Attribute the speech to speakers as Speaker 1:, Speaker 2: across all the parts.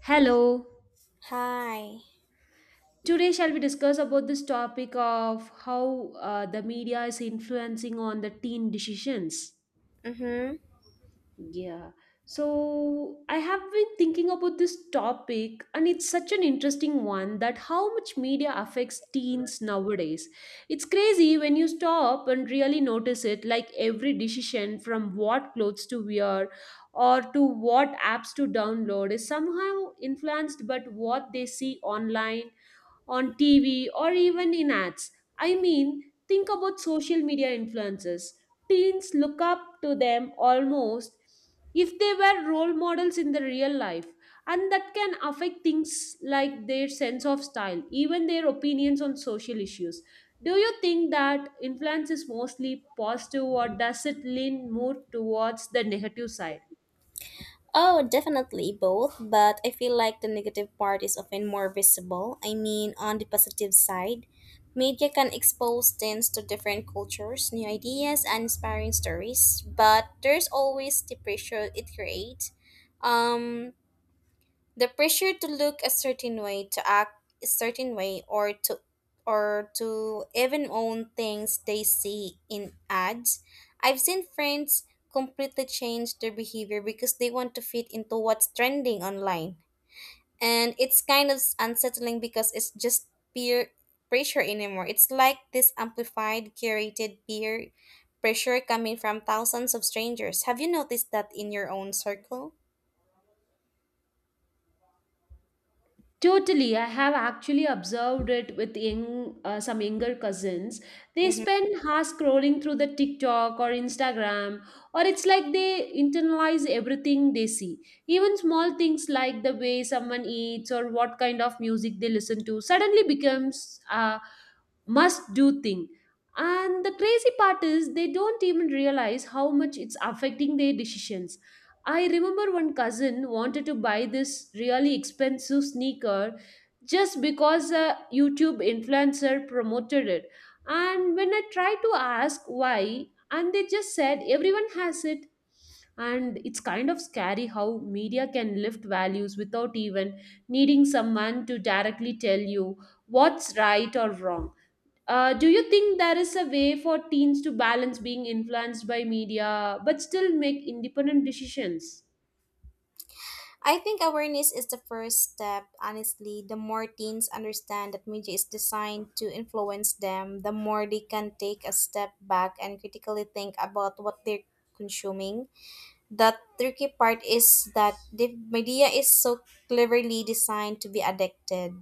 Speaker 1: Hello.
Speaker 2: Hi.
Speaker 1: Today shall we discuss about this topic of how the media is influencing on the teen decisions.
Speaker 2: Mm-hmm.
Speaker 1: Yeah. So I have been thinking about this topic, and it's such an interesting one that how much media affects teens nowadays. It's crazy when you stop and really notice it, like every decision from what clothes to wear or to what apps to download is somehow influenced by what they see online, on TV, or even in ads. I mean, think about social media influencers. Teens look up to them almost if they were role models in the real life, and that can affect things like their sense of style, even their opinions on social issues. Do you think that influence is mostly positive, or does it lean more towards the negative side?
Speaker 2: Oh, definitely both, but I feel like the negative part is often more visible. I mean, on the positive side, media can expose teens to different cultures, new ideas, and inspiring stories, but there's always the pressure it creates. Um, The pressure to look a certain way, to act a certain way, or to even own things they see in ads. I've seen friends completely change their behavior because they want to fit into what's trending online. And it's kind of unsettling because it's just peer pressure anymore. It's like this amplified, curated peer pressure coming from thousands of strangers. Have you noticed that in your own circle?
Speaker 1: Totally, I have actually observed it with some younger cousins. They spend hours scrolling through the TikTok or Instagram, or it's like they internalize everything they see. Even small things like the way someone eats or what kind of music they listen to suddenly becomes a must-do thing. And the crazy part is they don't even realize how much it's affecting their decisions. I remember one cousin wanted to buy this really expensive sneaker just because a YouTube influencer promoted it. And when I tried to ask why, and they just said everyone has it. And it's kind of scary how media can lift values without even needing someone to directly tell you what's right or wrong. Do you think there is a way for teens to balance being influenced by media but still make independent decisions?
Speaker 2: I think awareness is the first step, honestly. The more teens understand that media is designed to influence them, the more they can take a step back and critically think about what they're consuming. The tricky part is that the media is so cleverly designed to be addicted.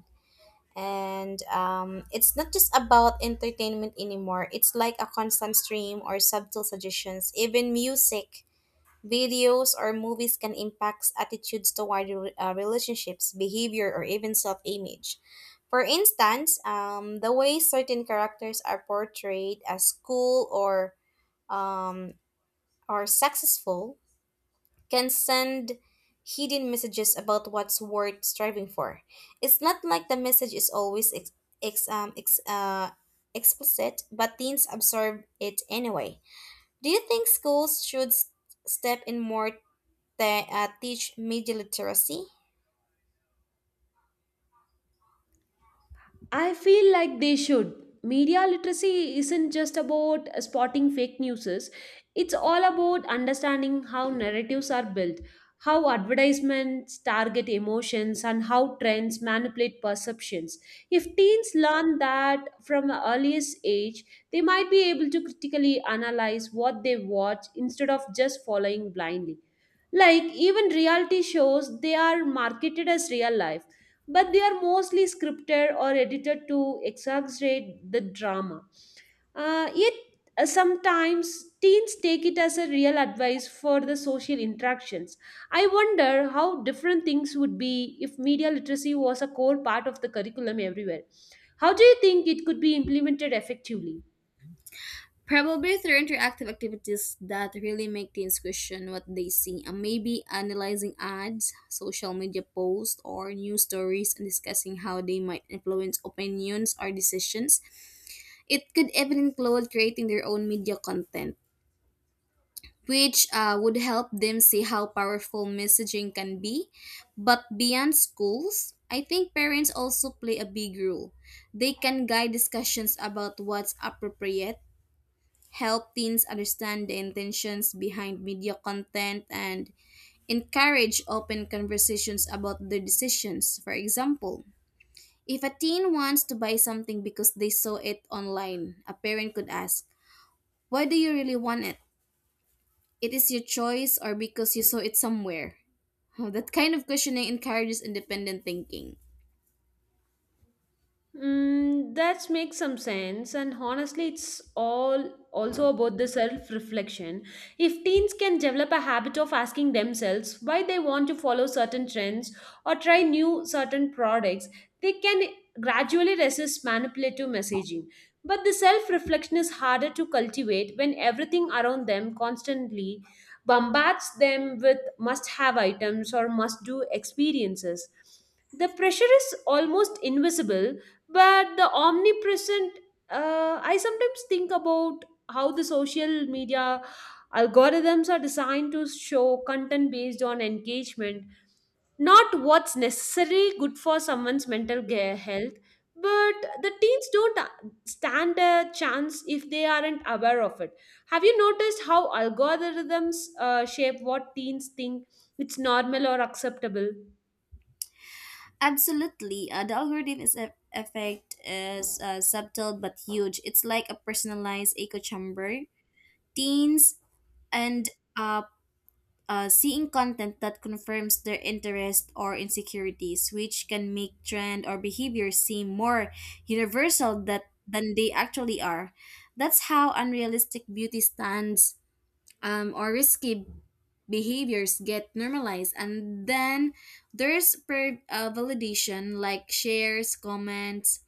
Speaker 2: And it's not just about entertainment anymore. It's like a constant stream or subtle suggestions. Even music videos or movies can impact attitudes toward relationships, behavior, or even self image. For instance, the way certain characters are portrayed as cool or um, or successful can send hidden messages about what's worth striving for. It's not like the message is always ex- um, ex- uh, explicit, but teens absorb it anyway. Do you think schools should step in more teach media literacy?
Speaker 1: I feel like they should. Media literacy isn't just about spotting fake news, it's all about understanding how narratives are built, how advertisements target emotions, and how trends manipulate perceptions. If teens learn that from the earliest age, they might be able to critically analyze what they watch instead of just following blindly. Like, even reality shows, they are marketed as real life, but they are mostly scripted or edited to exaggerate the drama. Yet, sometimes teens take it as a real advice for the social interactions. I wonder how different things would be if media literacy was a core part of the curriculum everywhere. How do you think it could be implemented effectively?
Speaker 2: Probably through interactive activities that really make teens question what they see, and maybe analyzing ads, social media posts, or news stories, and discussing how they might influence opinions or decisions. It could even include creating their own media content, which would help them see how powerful messaging can be. But beyond schools, I think parents also play a big role. They can guide discussions about what's appropriate, help teens understand the intentions behind media content, and encourage open conversations about their decisions. For example, if a teen wants to buy something because they saw it online, a parent could ask, "Why do you really want it? It is your choice or because you saw it somewhere." That kind of questioning encourages independent thinking.
Speaker 1: Mm, that makes some sense, and honestly, it's all also about the self reflection. If teens can develop a habit of asking themselves why they want to follow certain trends or try new certain products, they can gradually resist manipulative messaging. But the self reflection is harder to cultivate when everything around them constantly bombards them with must have items or must do experiences. The pressure is almost invisible but the omnipresent. I sometimes think about how the social media algorithms are designed to show content based on engagement, not what's necessarily good for someone's mental health. But the teens don't stand a chance if they aren't aware of it. Have you noticed how algorithms shape what teens think it's normal or acceptable?
Speaker 2: Absolutely. The algorithm is effect is subtle but huge. It's like a personalized echo chamber. Teens and uh, seeing content that confirms their interest or insecurities, which can make trend or behavior seem more universal that, than they actually are. That's how unrealistic beauty stands or risky behaviors get normalized, and then there's per validation like shares, comments.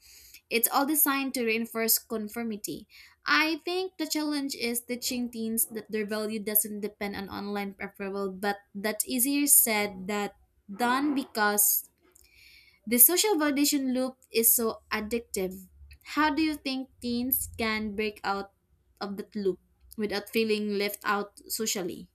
Speaker 2: It's all designed to reinforce conformity. I think the challenge is teaching teens that their value doesn't depend on online approval, but that's easier said than done because the social validation loop is so addictive. How do you think teens can break out of that loop without feeling left out socially?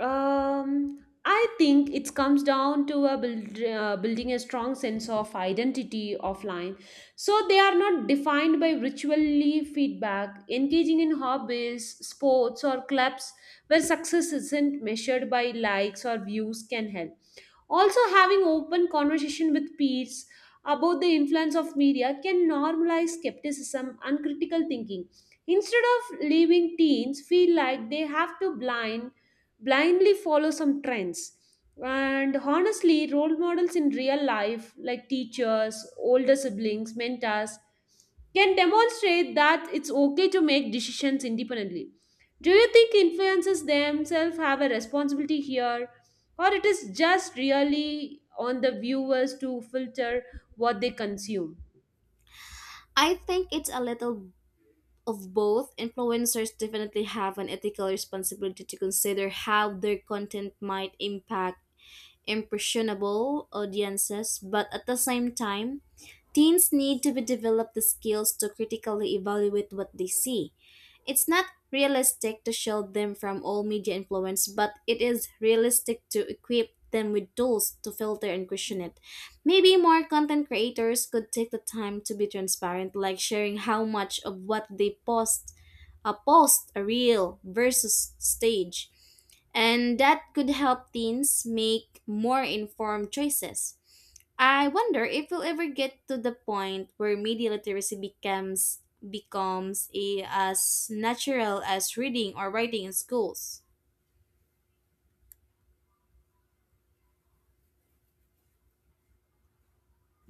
Speaker 1: I think it comes down to building a strong sense of identity offline. So they are not defined by ritually feedback, engaging in hobbies, sports, or clubs where success isn't measured by likes or views can help. Also, having open conversation with peers about the influence of media can normalize skepticism and critical thinking. Instead of leaving teens feel like they have to blindly follow some trends. And honestly, role models in real life, like teachers, older siblings, mentors, can demonstrate that it's okay to make decisions independently. Do you think influencers themselves have a responsibility here, or it is just really on the viewers to filter what they consume?
Speaker 2: I think it's a little of both. Influencers definitely have an ethical responsibility to consider how their content might impact impressionable audiences, but at the same time, teens need to be develop the skills to critically evaluate what they see. It's not realistic to shield them from all media influence, but it is realistic to equip them with tools to filter and question it. Maybe more content creators could take the time to be transparent, like sharing how much of what they post a post, a reel versus stage, and that could help teens make more informed choices. I wonder if we'll ever get to the point where media literacy becomes as natural as reading or writing in schools.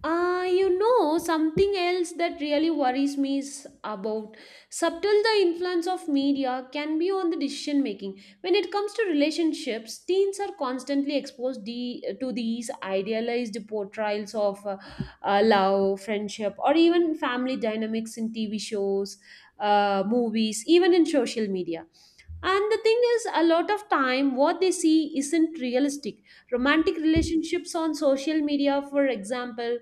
Speaker 1: Something else that really worries me is about subtle the influence of media can be on the decision making when it comes to relationships. Teens are constantly to these idealized portrayals of love, friendship, or even family dynamics in TV shows, movies, even in social media. And the thing is, a lot of time what they see isn't realistic. Romantic relationships on social media, for example,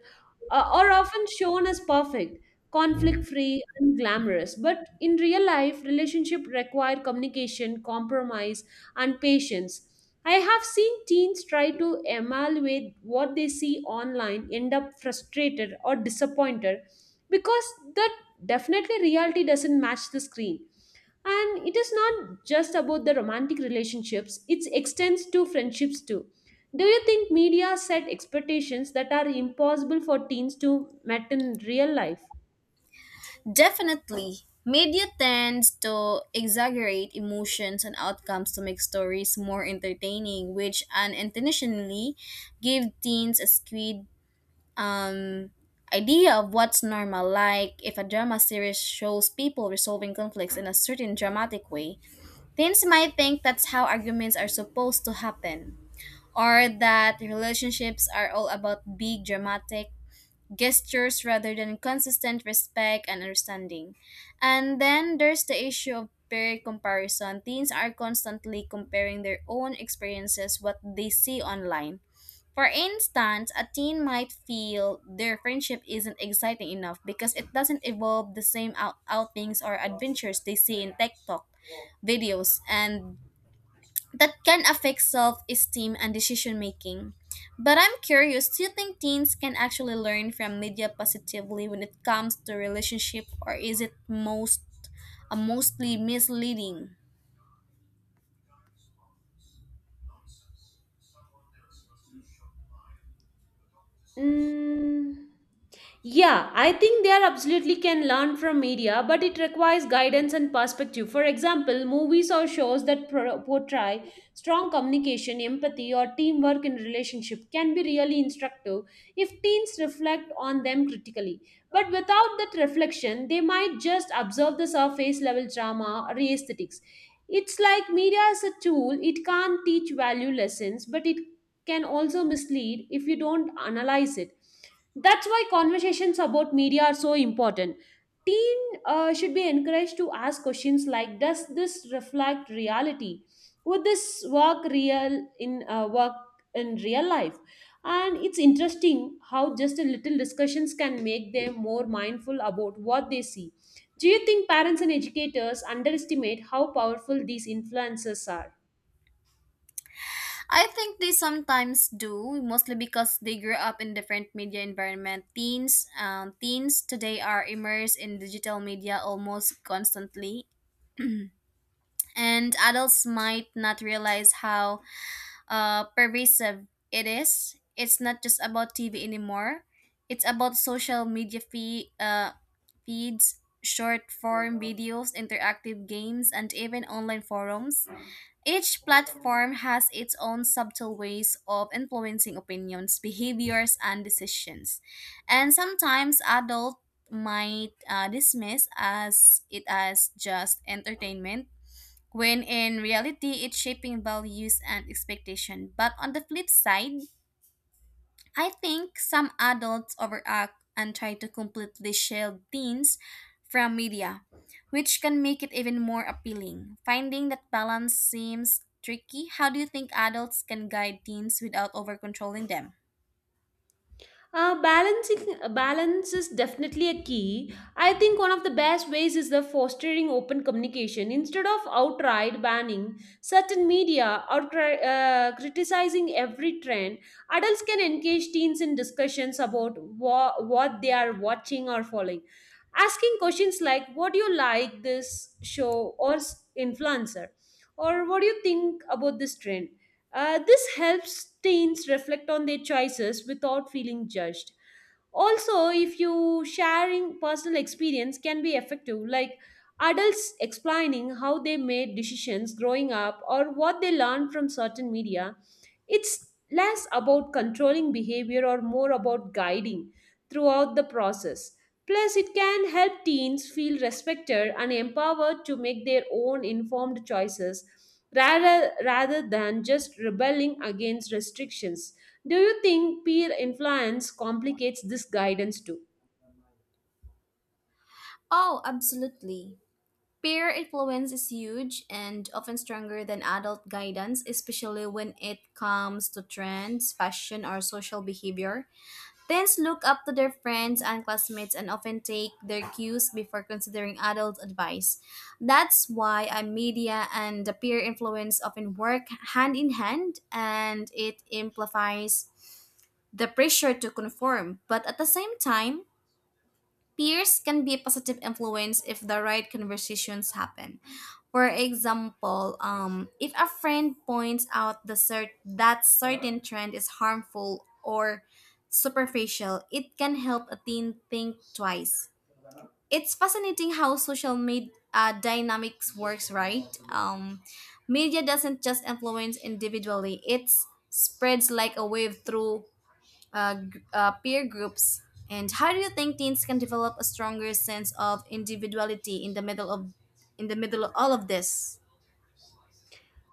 Speaker 1: are often shown as perfect, conflict free, and glamorous. But in real life, relationships require communication, compromise, and patience. I have seen teens try to evaluate what they see online, end up frustrated or disappointed because the definitely reality doesn't match the screen. And it is not just about the romantic relationships, it extends to friendships too. Do you think media set expectations that are impossible for teens to meet in real life?
Speaker 2: Definitely. Media tends to exaggerate emotions and outcomes to make stories more entertaining, which unintentionally give teens a skewed um, idea of what's normal. Like, if a drama series shows people resolving conflicts in a certain dramatic way, teens might think that's how arguments are supposed to happen, or that relationships are all about big dramatic gestures rather than consistent respect and understanding. And then there's the issue of peer comparison. Teens are constantly comparing their own experiences what they see online. For instance, a teen might feel their friendship isn't exciting enough because it doesn't involve the same outings or adventures they see in TikTok videos, and that can affect self esteem and decision making. But I'm curious, do you think teens can actually learn from media positively when it comes to relationship, or is it mostly misleading?
Speaker 1: Mm. Yeah, I think they are absolutely can learn from media, but it requires guidance and perspective. For example, movies or shows that portray strong communication, empathy, or teamwork in relationship can be really instructive if teens reflect on them critically. But without that reflection, they might just observe the surface level drama or aesthetics. It's like media is a tool, it can't teach value lessons, but it can also mislead if you don't analyze it. That's why conversations about media are so important. Teen Should be encouraged to ask questions like, does this reflect reality? Would this work real in work in real life? And it's interesting how just a little discussions can make them more mindful about what they see. Do you think parents and educators underestimate how powerful these influences are?
Speaker 2: I think they sometimes do, mostly because they grew up in different media environment. Teens today are immersed in digital media almost constantly, and adults might not realize how pervasive it is. It's not just about TV anymore. It's about social media feeds, short form videos, interactive games, and even online forums. Each platform has its own subtle ways of influencing opinions, behaviors, and decisions. And sometimes adults might dismiss as it as just entertainment when in reality it's shaping values and expectation. But on the flip side, I think some adults overact and try to completely shield teens from media, which can make it even more appealing. Finding that balance seems tricky. How do you think adults can guide teens without overcontrolling them?
Speaker 1: Balancing Balance is definitely a key. I think one of the best ways is the fostering open communication instead of outright banning certain media or criticizing every trend. Adults can engage teens in discussions about what they are watching or following, asking questions like, "What do you like this show or influencer?" or "What do you think about this trend?" This helps teens reflect on their choices without feeling judged. Also, if you sharing personal experience can be effective, like adults explaining how they made decisions growing up or what they learned from certain media, it's less about controlling behavior or more about guiding throughout the process. Plus, it can help teens feel respected and empowered to make their own informed choices rather than just rebelling against restrictions. Do you think peer influence complicates this guidance too?
Speaker 2: Oh, absolutely. Peer influence is huge and often stronger than adult guidance, especially when it comes to trends, fashion, or social behavior. Teens look up to their friends and classmates and often take their cues before considering adult advice. That's why media and the peer influence often work hand in hand, and it amplifies the pressure to conform. But at the same time, peers can be a positive influence if the right conversations happen. For example, if a friend points out that certain trend is harmful or superficial, it can help a teen think twice. It's fascinating how social media dynamics works, right? Media doesn't just influence individually; it spreads like a wave through peer groups? And how do you think teens can develop a stronger sense of individuality in the middle of all of this?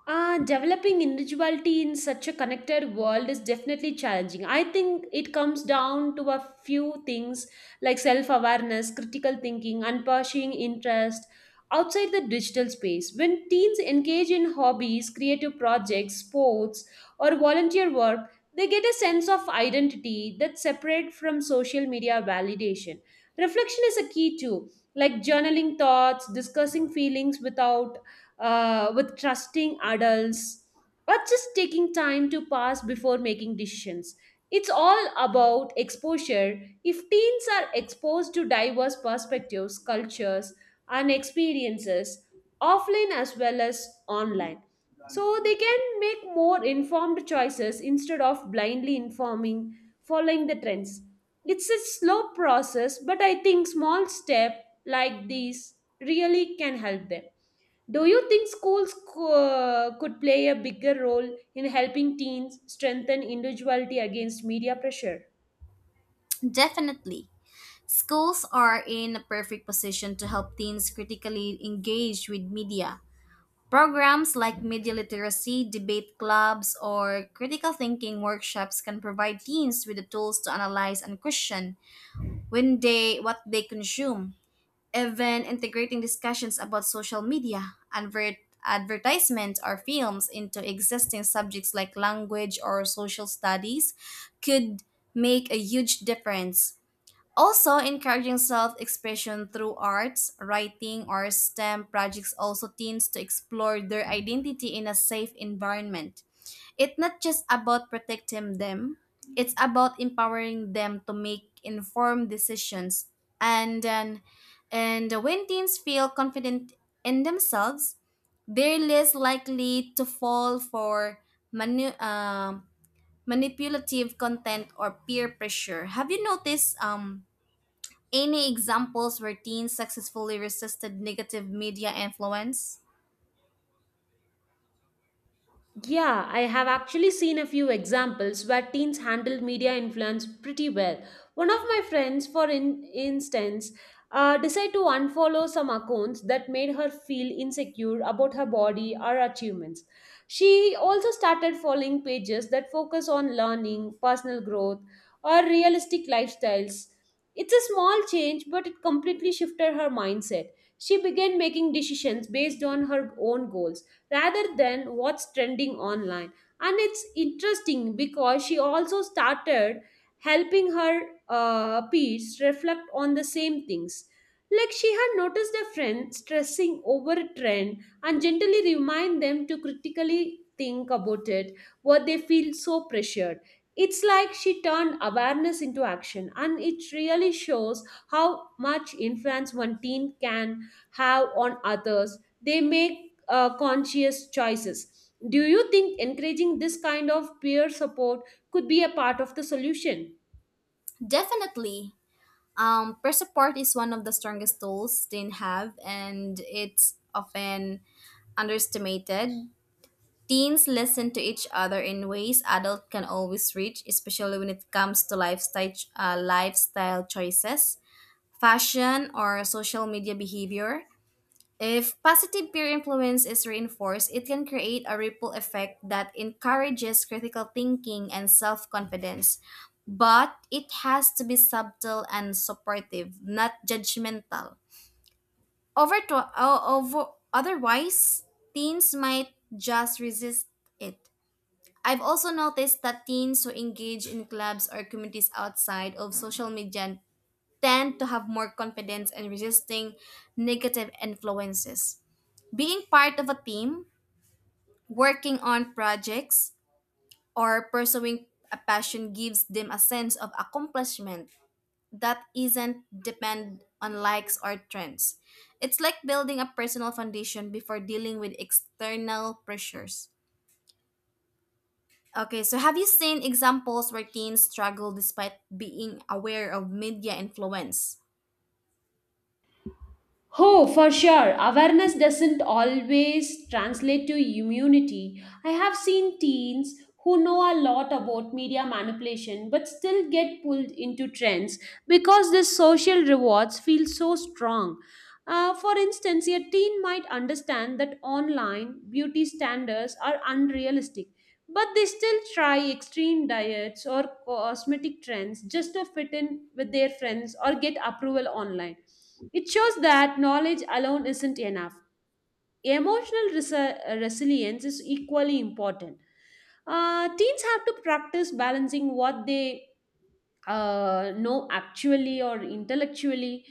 Speaker 1: Developing individuality in such a connected world is definitely challenging. I think it comes down to a few things like self awareness, critical thinking, and pursuing interest outside the digital space. When teens engage in hobbies, creative projects, sports, or volunteer work, they get a sense of identity that's separate from social media validation. Reflection is a key too, like journaling thoughts, discussing feelings without with trusting adults, or just taking time to pass before making decisions. It's all about exposure. If teens are exposed to diverse perspectives, cultures, and experiences, offline as well as online, so they can make more informed choices instead of following the trends. It's a slow process, but I think small step like these really can help them. Do you think schools could play a bigger role in helping teens strengthen individuality against media pressure?
Speaker 2: Definitely. Schools are in a perfect position to help teens critically engage with media. Programs like media literacy, debate clubs, or critical thinking workshops can provide teens with the tools to analyze and question when they what they consume. Even integrating discussions about social media, advertisements, or films into existing subjects like language or social studies could make a huge difference. Also, encouraging self expression through arts, writing, or STEM projects also teens to explore their identity in a safe environment. It's not just about protecting them, it's about empowering them to make informed decisions. And then, and when teens feel confident in themselves, they're less likely to fall for manu- um manipulative content or peer pressure. Have you noticed any examples where teens successfully resisted negative media influence?
Speaker 1: Yeah, I have actually seen a few examples where teens handled media influence pretty well. One of my friends, instance, decided to unfollow some accounts that made her feel insecure about her body or achievements. She also started following pages that focus on learning, personal growth, or realistic lifestyles. It's a small change, but it completely shifted her mindset. She began making decisions based on her own goals rather than what's trending online. And it's interesting because she also started helping her peers reflect on the same things. Like she had noticed a friend stressing over a trend and gently remind them to critically think about it, what they feel so pressured. It's like she turned awareness into action, and it really shows how much influence one teen can have on others, they make conscious choices. Do you think encouraging this kind of peer support could be a part of the solution?
Speaker 2: Definitely. Peer support is one of the strongest tools teens have, and it's often underestimated. Teens listen to each other in ways adults can always reach, especially when it comes to lifestyle choices, fashion, or social media behavior. If positive peer influence is reinforced, it can create a ripple effect that encourages critical thinking and self confidence. But it has to be subtle and supportive, not judgmental. Over to, o- over, Otherwise, teens might just resist it. I've also noticed that teens who engage in clubs or communities outside of social media tend to have more confidence in resisting negative influences. Being part of a team, working on projects, or pursuing a passion gives them a sense of accomplishment that isn't depend on likes or trends. It's like building a personal foundation before dealing with external pressures. Okay, so have you seen examples where teens struggle despite being aware of media influence?
Speaker 1: Oh, for sure. Awareness doesn't always translate to immunity. I have seen teens who know a lot about media manipulation but still get pulled into trends because the social rewards feel so strong. For instance, a teen might understand that online beauty standards are unrealistic, but they still try extreme diets or cosmetic trends just to fit in with their friends or get approval online. It shows that knowledge alone isn't enough. Emotional resilience is equally important. Teens have to practice balancing what they know actually or intellectually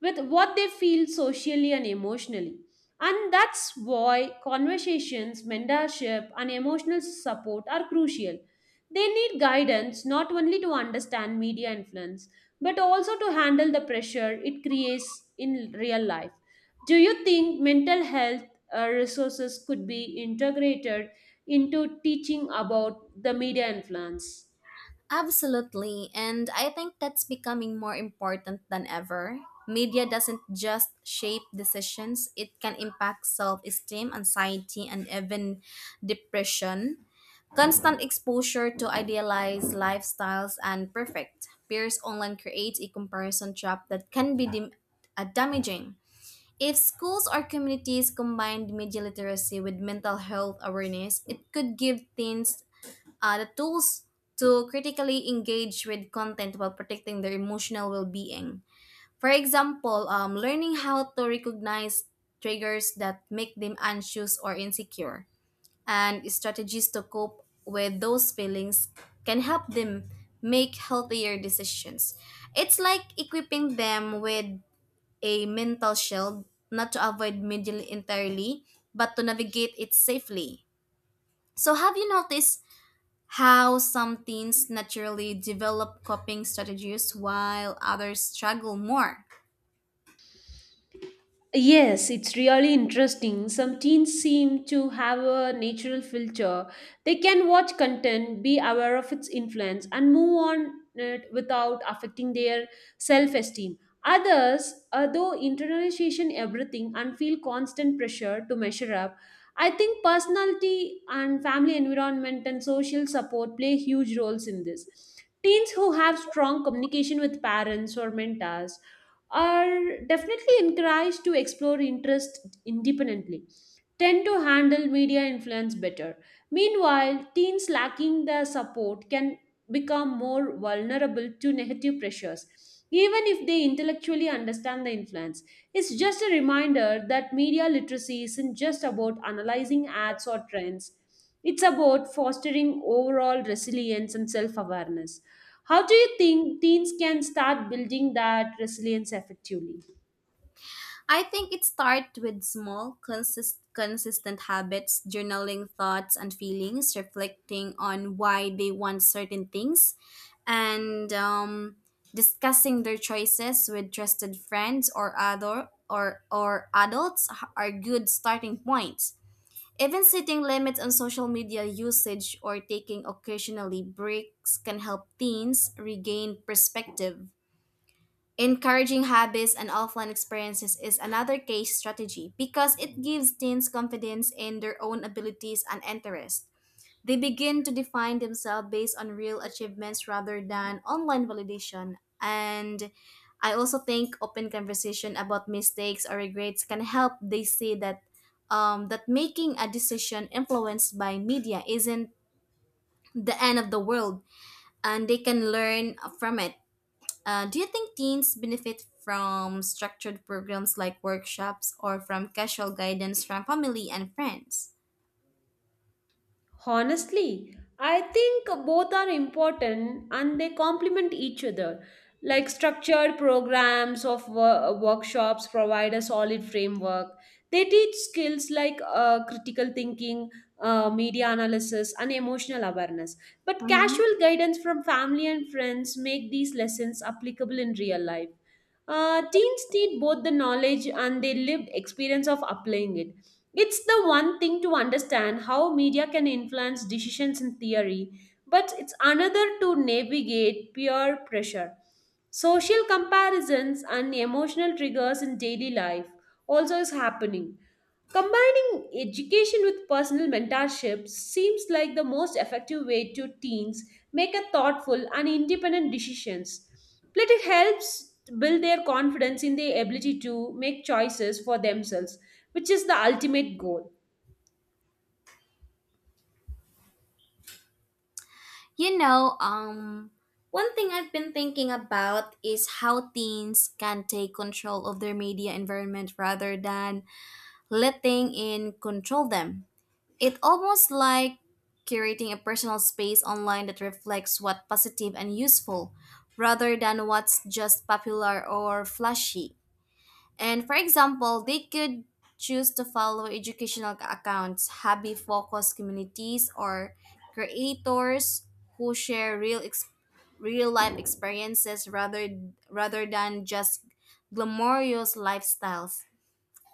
Speaker 1: with what they feel socially and emotionally. And that's why conversations, mentorship, and emotional support are crucial. They need guidance not only to understand media influence, but also to handle the pressure it creates in real life. Do you think mental health resources could be integrated into teaching about the media influence?
Speaker 2: Absolutely. And I think that's becoming more important than ever. Media doesn't just shape decisions, it can impact self esteem, anxiety, and even depression. Constant exposure to idealized lifestyles and perfect peers online creates a comparison trap that can be damaging. If schools or communities combined media literacy with mental health awareness, it could give teens the tools to critically engage with content while protecting their emotional well-being. For example, learning how to recognize triggers that make them anxious or insecure, and strategies to cope with those feelings can help them make healthier decisions. It's like equipping them with a mental shield, not to avoid media entirely, but to navigate it safely. So, have you noticed how some teens naturally develop coping strategies while others struggle more.
Speaker 1: Yes, it's really interesting. Some teens seem to have a natural filter. They can watch content, be aware of its influence, and move on it without affecting their self esteem. Others, though, internalization everything and feel constant pressure to measure up. I think personality and family environment and social support play huge roles in this. Teens who have strong communication with parents or mentors are definitely encouraged to explore interest independently tend to handle media influence better. Meanwhile, teens lacking the support can become more vulnerable to negative pressures even if they intellectually understand the influence. It's just a reminder that media literacy isn't just about analyzing ads or trends, it's about fostering overall resilience and self-awareness. How do you think teens can start building that resilience effectively?
Speaker 2: I think it starts with small, consistent habits, journaling thoughts and feelings, reflecting on why they want certain things, and discussing their choices with trusted friends or or adults are good starting points. Even setting limits on social media usage or taking occasionally breaks can help teens regain perspective. Encouraging habits and offline experiences is another case strategy because it gives teens confidence in their own abilities and interests. They begin to define themselves based on real achievements rather than online validation. And I also think open conversation about mistakes or regrets can help they see that that making a decision influenced by media isn't the end of the world, and they can learn from it. Do you think teens benefit from structured programs like workshops or from casual guidance from family and friends?
Speaker 1: Honestly, I think both are important and they complement each other. Like, structured programs of workshops provide a solid framework. They teach skills like critical thinking, media analysis, and emotional awareness. But casual guidance from family and friends make these lessons applicable in real life. Teens need both the knowledge and the lived experience of applying it. It's the one thing to understand how media can influence decisions in theory, but it's another to navigate peer pressure, social comparisons, and emotional triggers in daily life. Also, is happening. Combining education with personal mentorship seems like the most effective way to teens make a thoughtful and independent decisions. Plus, it helps build their confidence in their ability to make choices for themselves, which is the ultimate goal.
Speaker 2: You know, one thing I've been thinking about is how teens can take control of their media environment rather than letting it control them. It almost like curating a personal space online that reflects what's positive and useful rather than what's just popular or flashy. And for example, they could choose to follow educational accounts, hobby focused communities, or creators who share real life experiences rather than just glamorous lifestyles.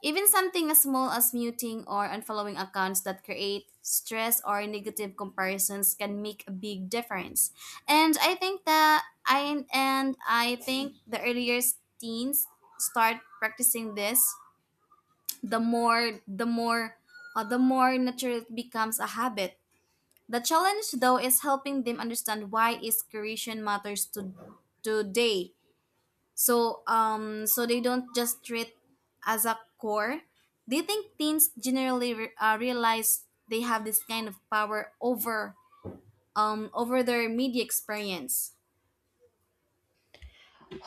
Speaker 2: Even something as small as muting or unfollowing accounts that create stress or negative comparisons can make a big difference. And I think the earlier teens start practicing this, the more the more the more natural it becomes a habit. The challenge though is helping them understand why is creation matters to today, so they don't just treat as a core. Do you think teens generally realize they have this kind of power over their media experience?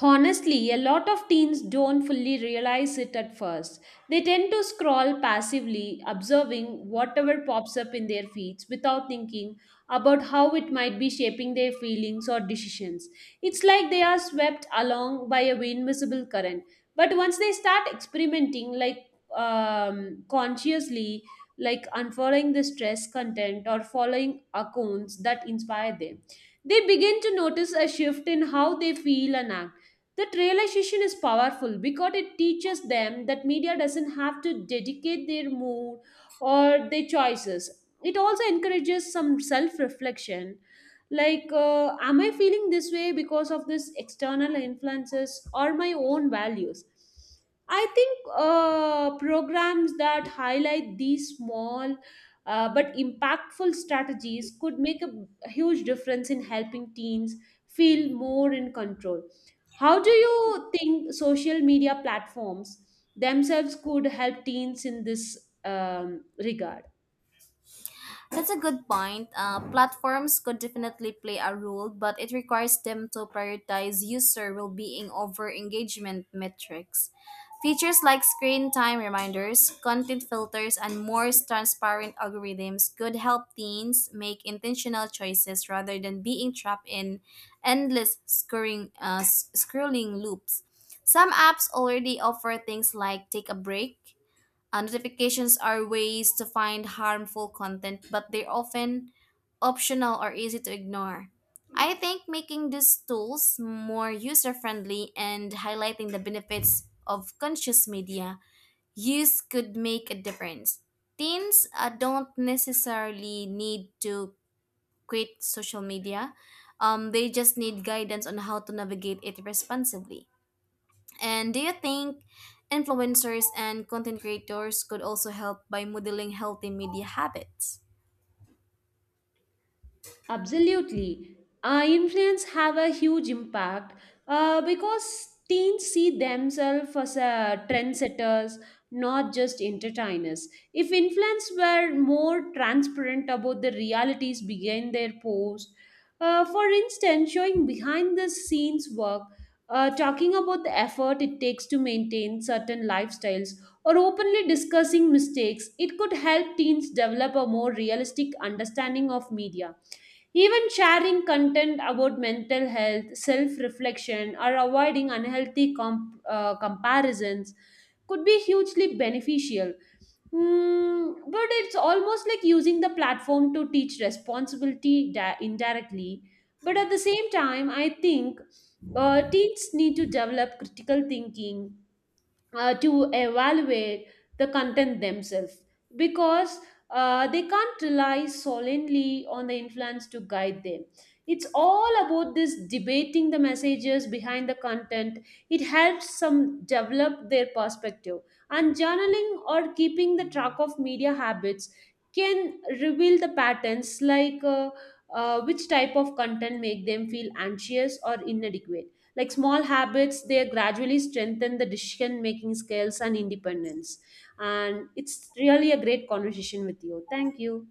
Speaker 1: Honestly, a lot of teens don't fully realize it at first. They tend to scroll passively, observing whatever pops up in their feeds without thinking about how it might be shaping their feelings or decisions. It's like they are swept along by a invisible current. But once they start experimenting, like consciously, like unfollowing the stress content or following accounts that inspire them, they begin to notice a shift in how they feel and act. That realization is powerful because it teaches them that media doesn't have to dedicate their mood or their choices. It also encourages some self reflection. Like, am I feeling this way because of this external influences or my own values? I think programs that highlight these small but impactful strategies could make a huge difference in helping teens feel more in control. How do you think social media platforms themselves could help teens in this regard?
Speaker 2: That's a good point. Platforms could definitely play a role, but it requires them to prioritize user well being over engagement metrics. Features like screen time reminders, content filters, and more transparent algorithms could help teens make intentional choices rather than being trapped in endless scrolling loops. Some apps already offer things like take a break notifications are ways to find harmful content, but they're often optional or easy to ignore. I think making these tools more user friendly and highlighting the benefits of conscious media use could make a difference. Teens don't necessarily need to quit social media, they just need guidance on how to navigate it responsibly. And do you think influencers and content creators could also help by modeling healthy media habits?
Speaker 1: Absolutely. Influence have a huge impact because teens see themselves as trendsetters, not just entertainers. If influence were more transparent about the realities behind their post, for instance, showing behind the scenes work, talking about the effort it takes to maintain certain lifestyles, or openly discussing mistakes, it could help teens develop a more realistic understanding of media. Even sharing content about mental health, self reflection, or avoiding unhealthy comparisons could be hugely beneficial. Mm, but it's almost like using the platform to teach responsibility indirectly. But at the same time, I think teens need to develop critical thinking, to evaluate the content themselves because they can't rely solely on the influence to guide them. It's all about this debating the messages behind the content. It helps some develop their perspective. And journaling or keeping the track of media habits can reveal the patterns like which type of content make them feel anxious or inadequate like small habits, they gradually strengthen the decision making skills and independence. And it's really a great conversation with you. Thank you.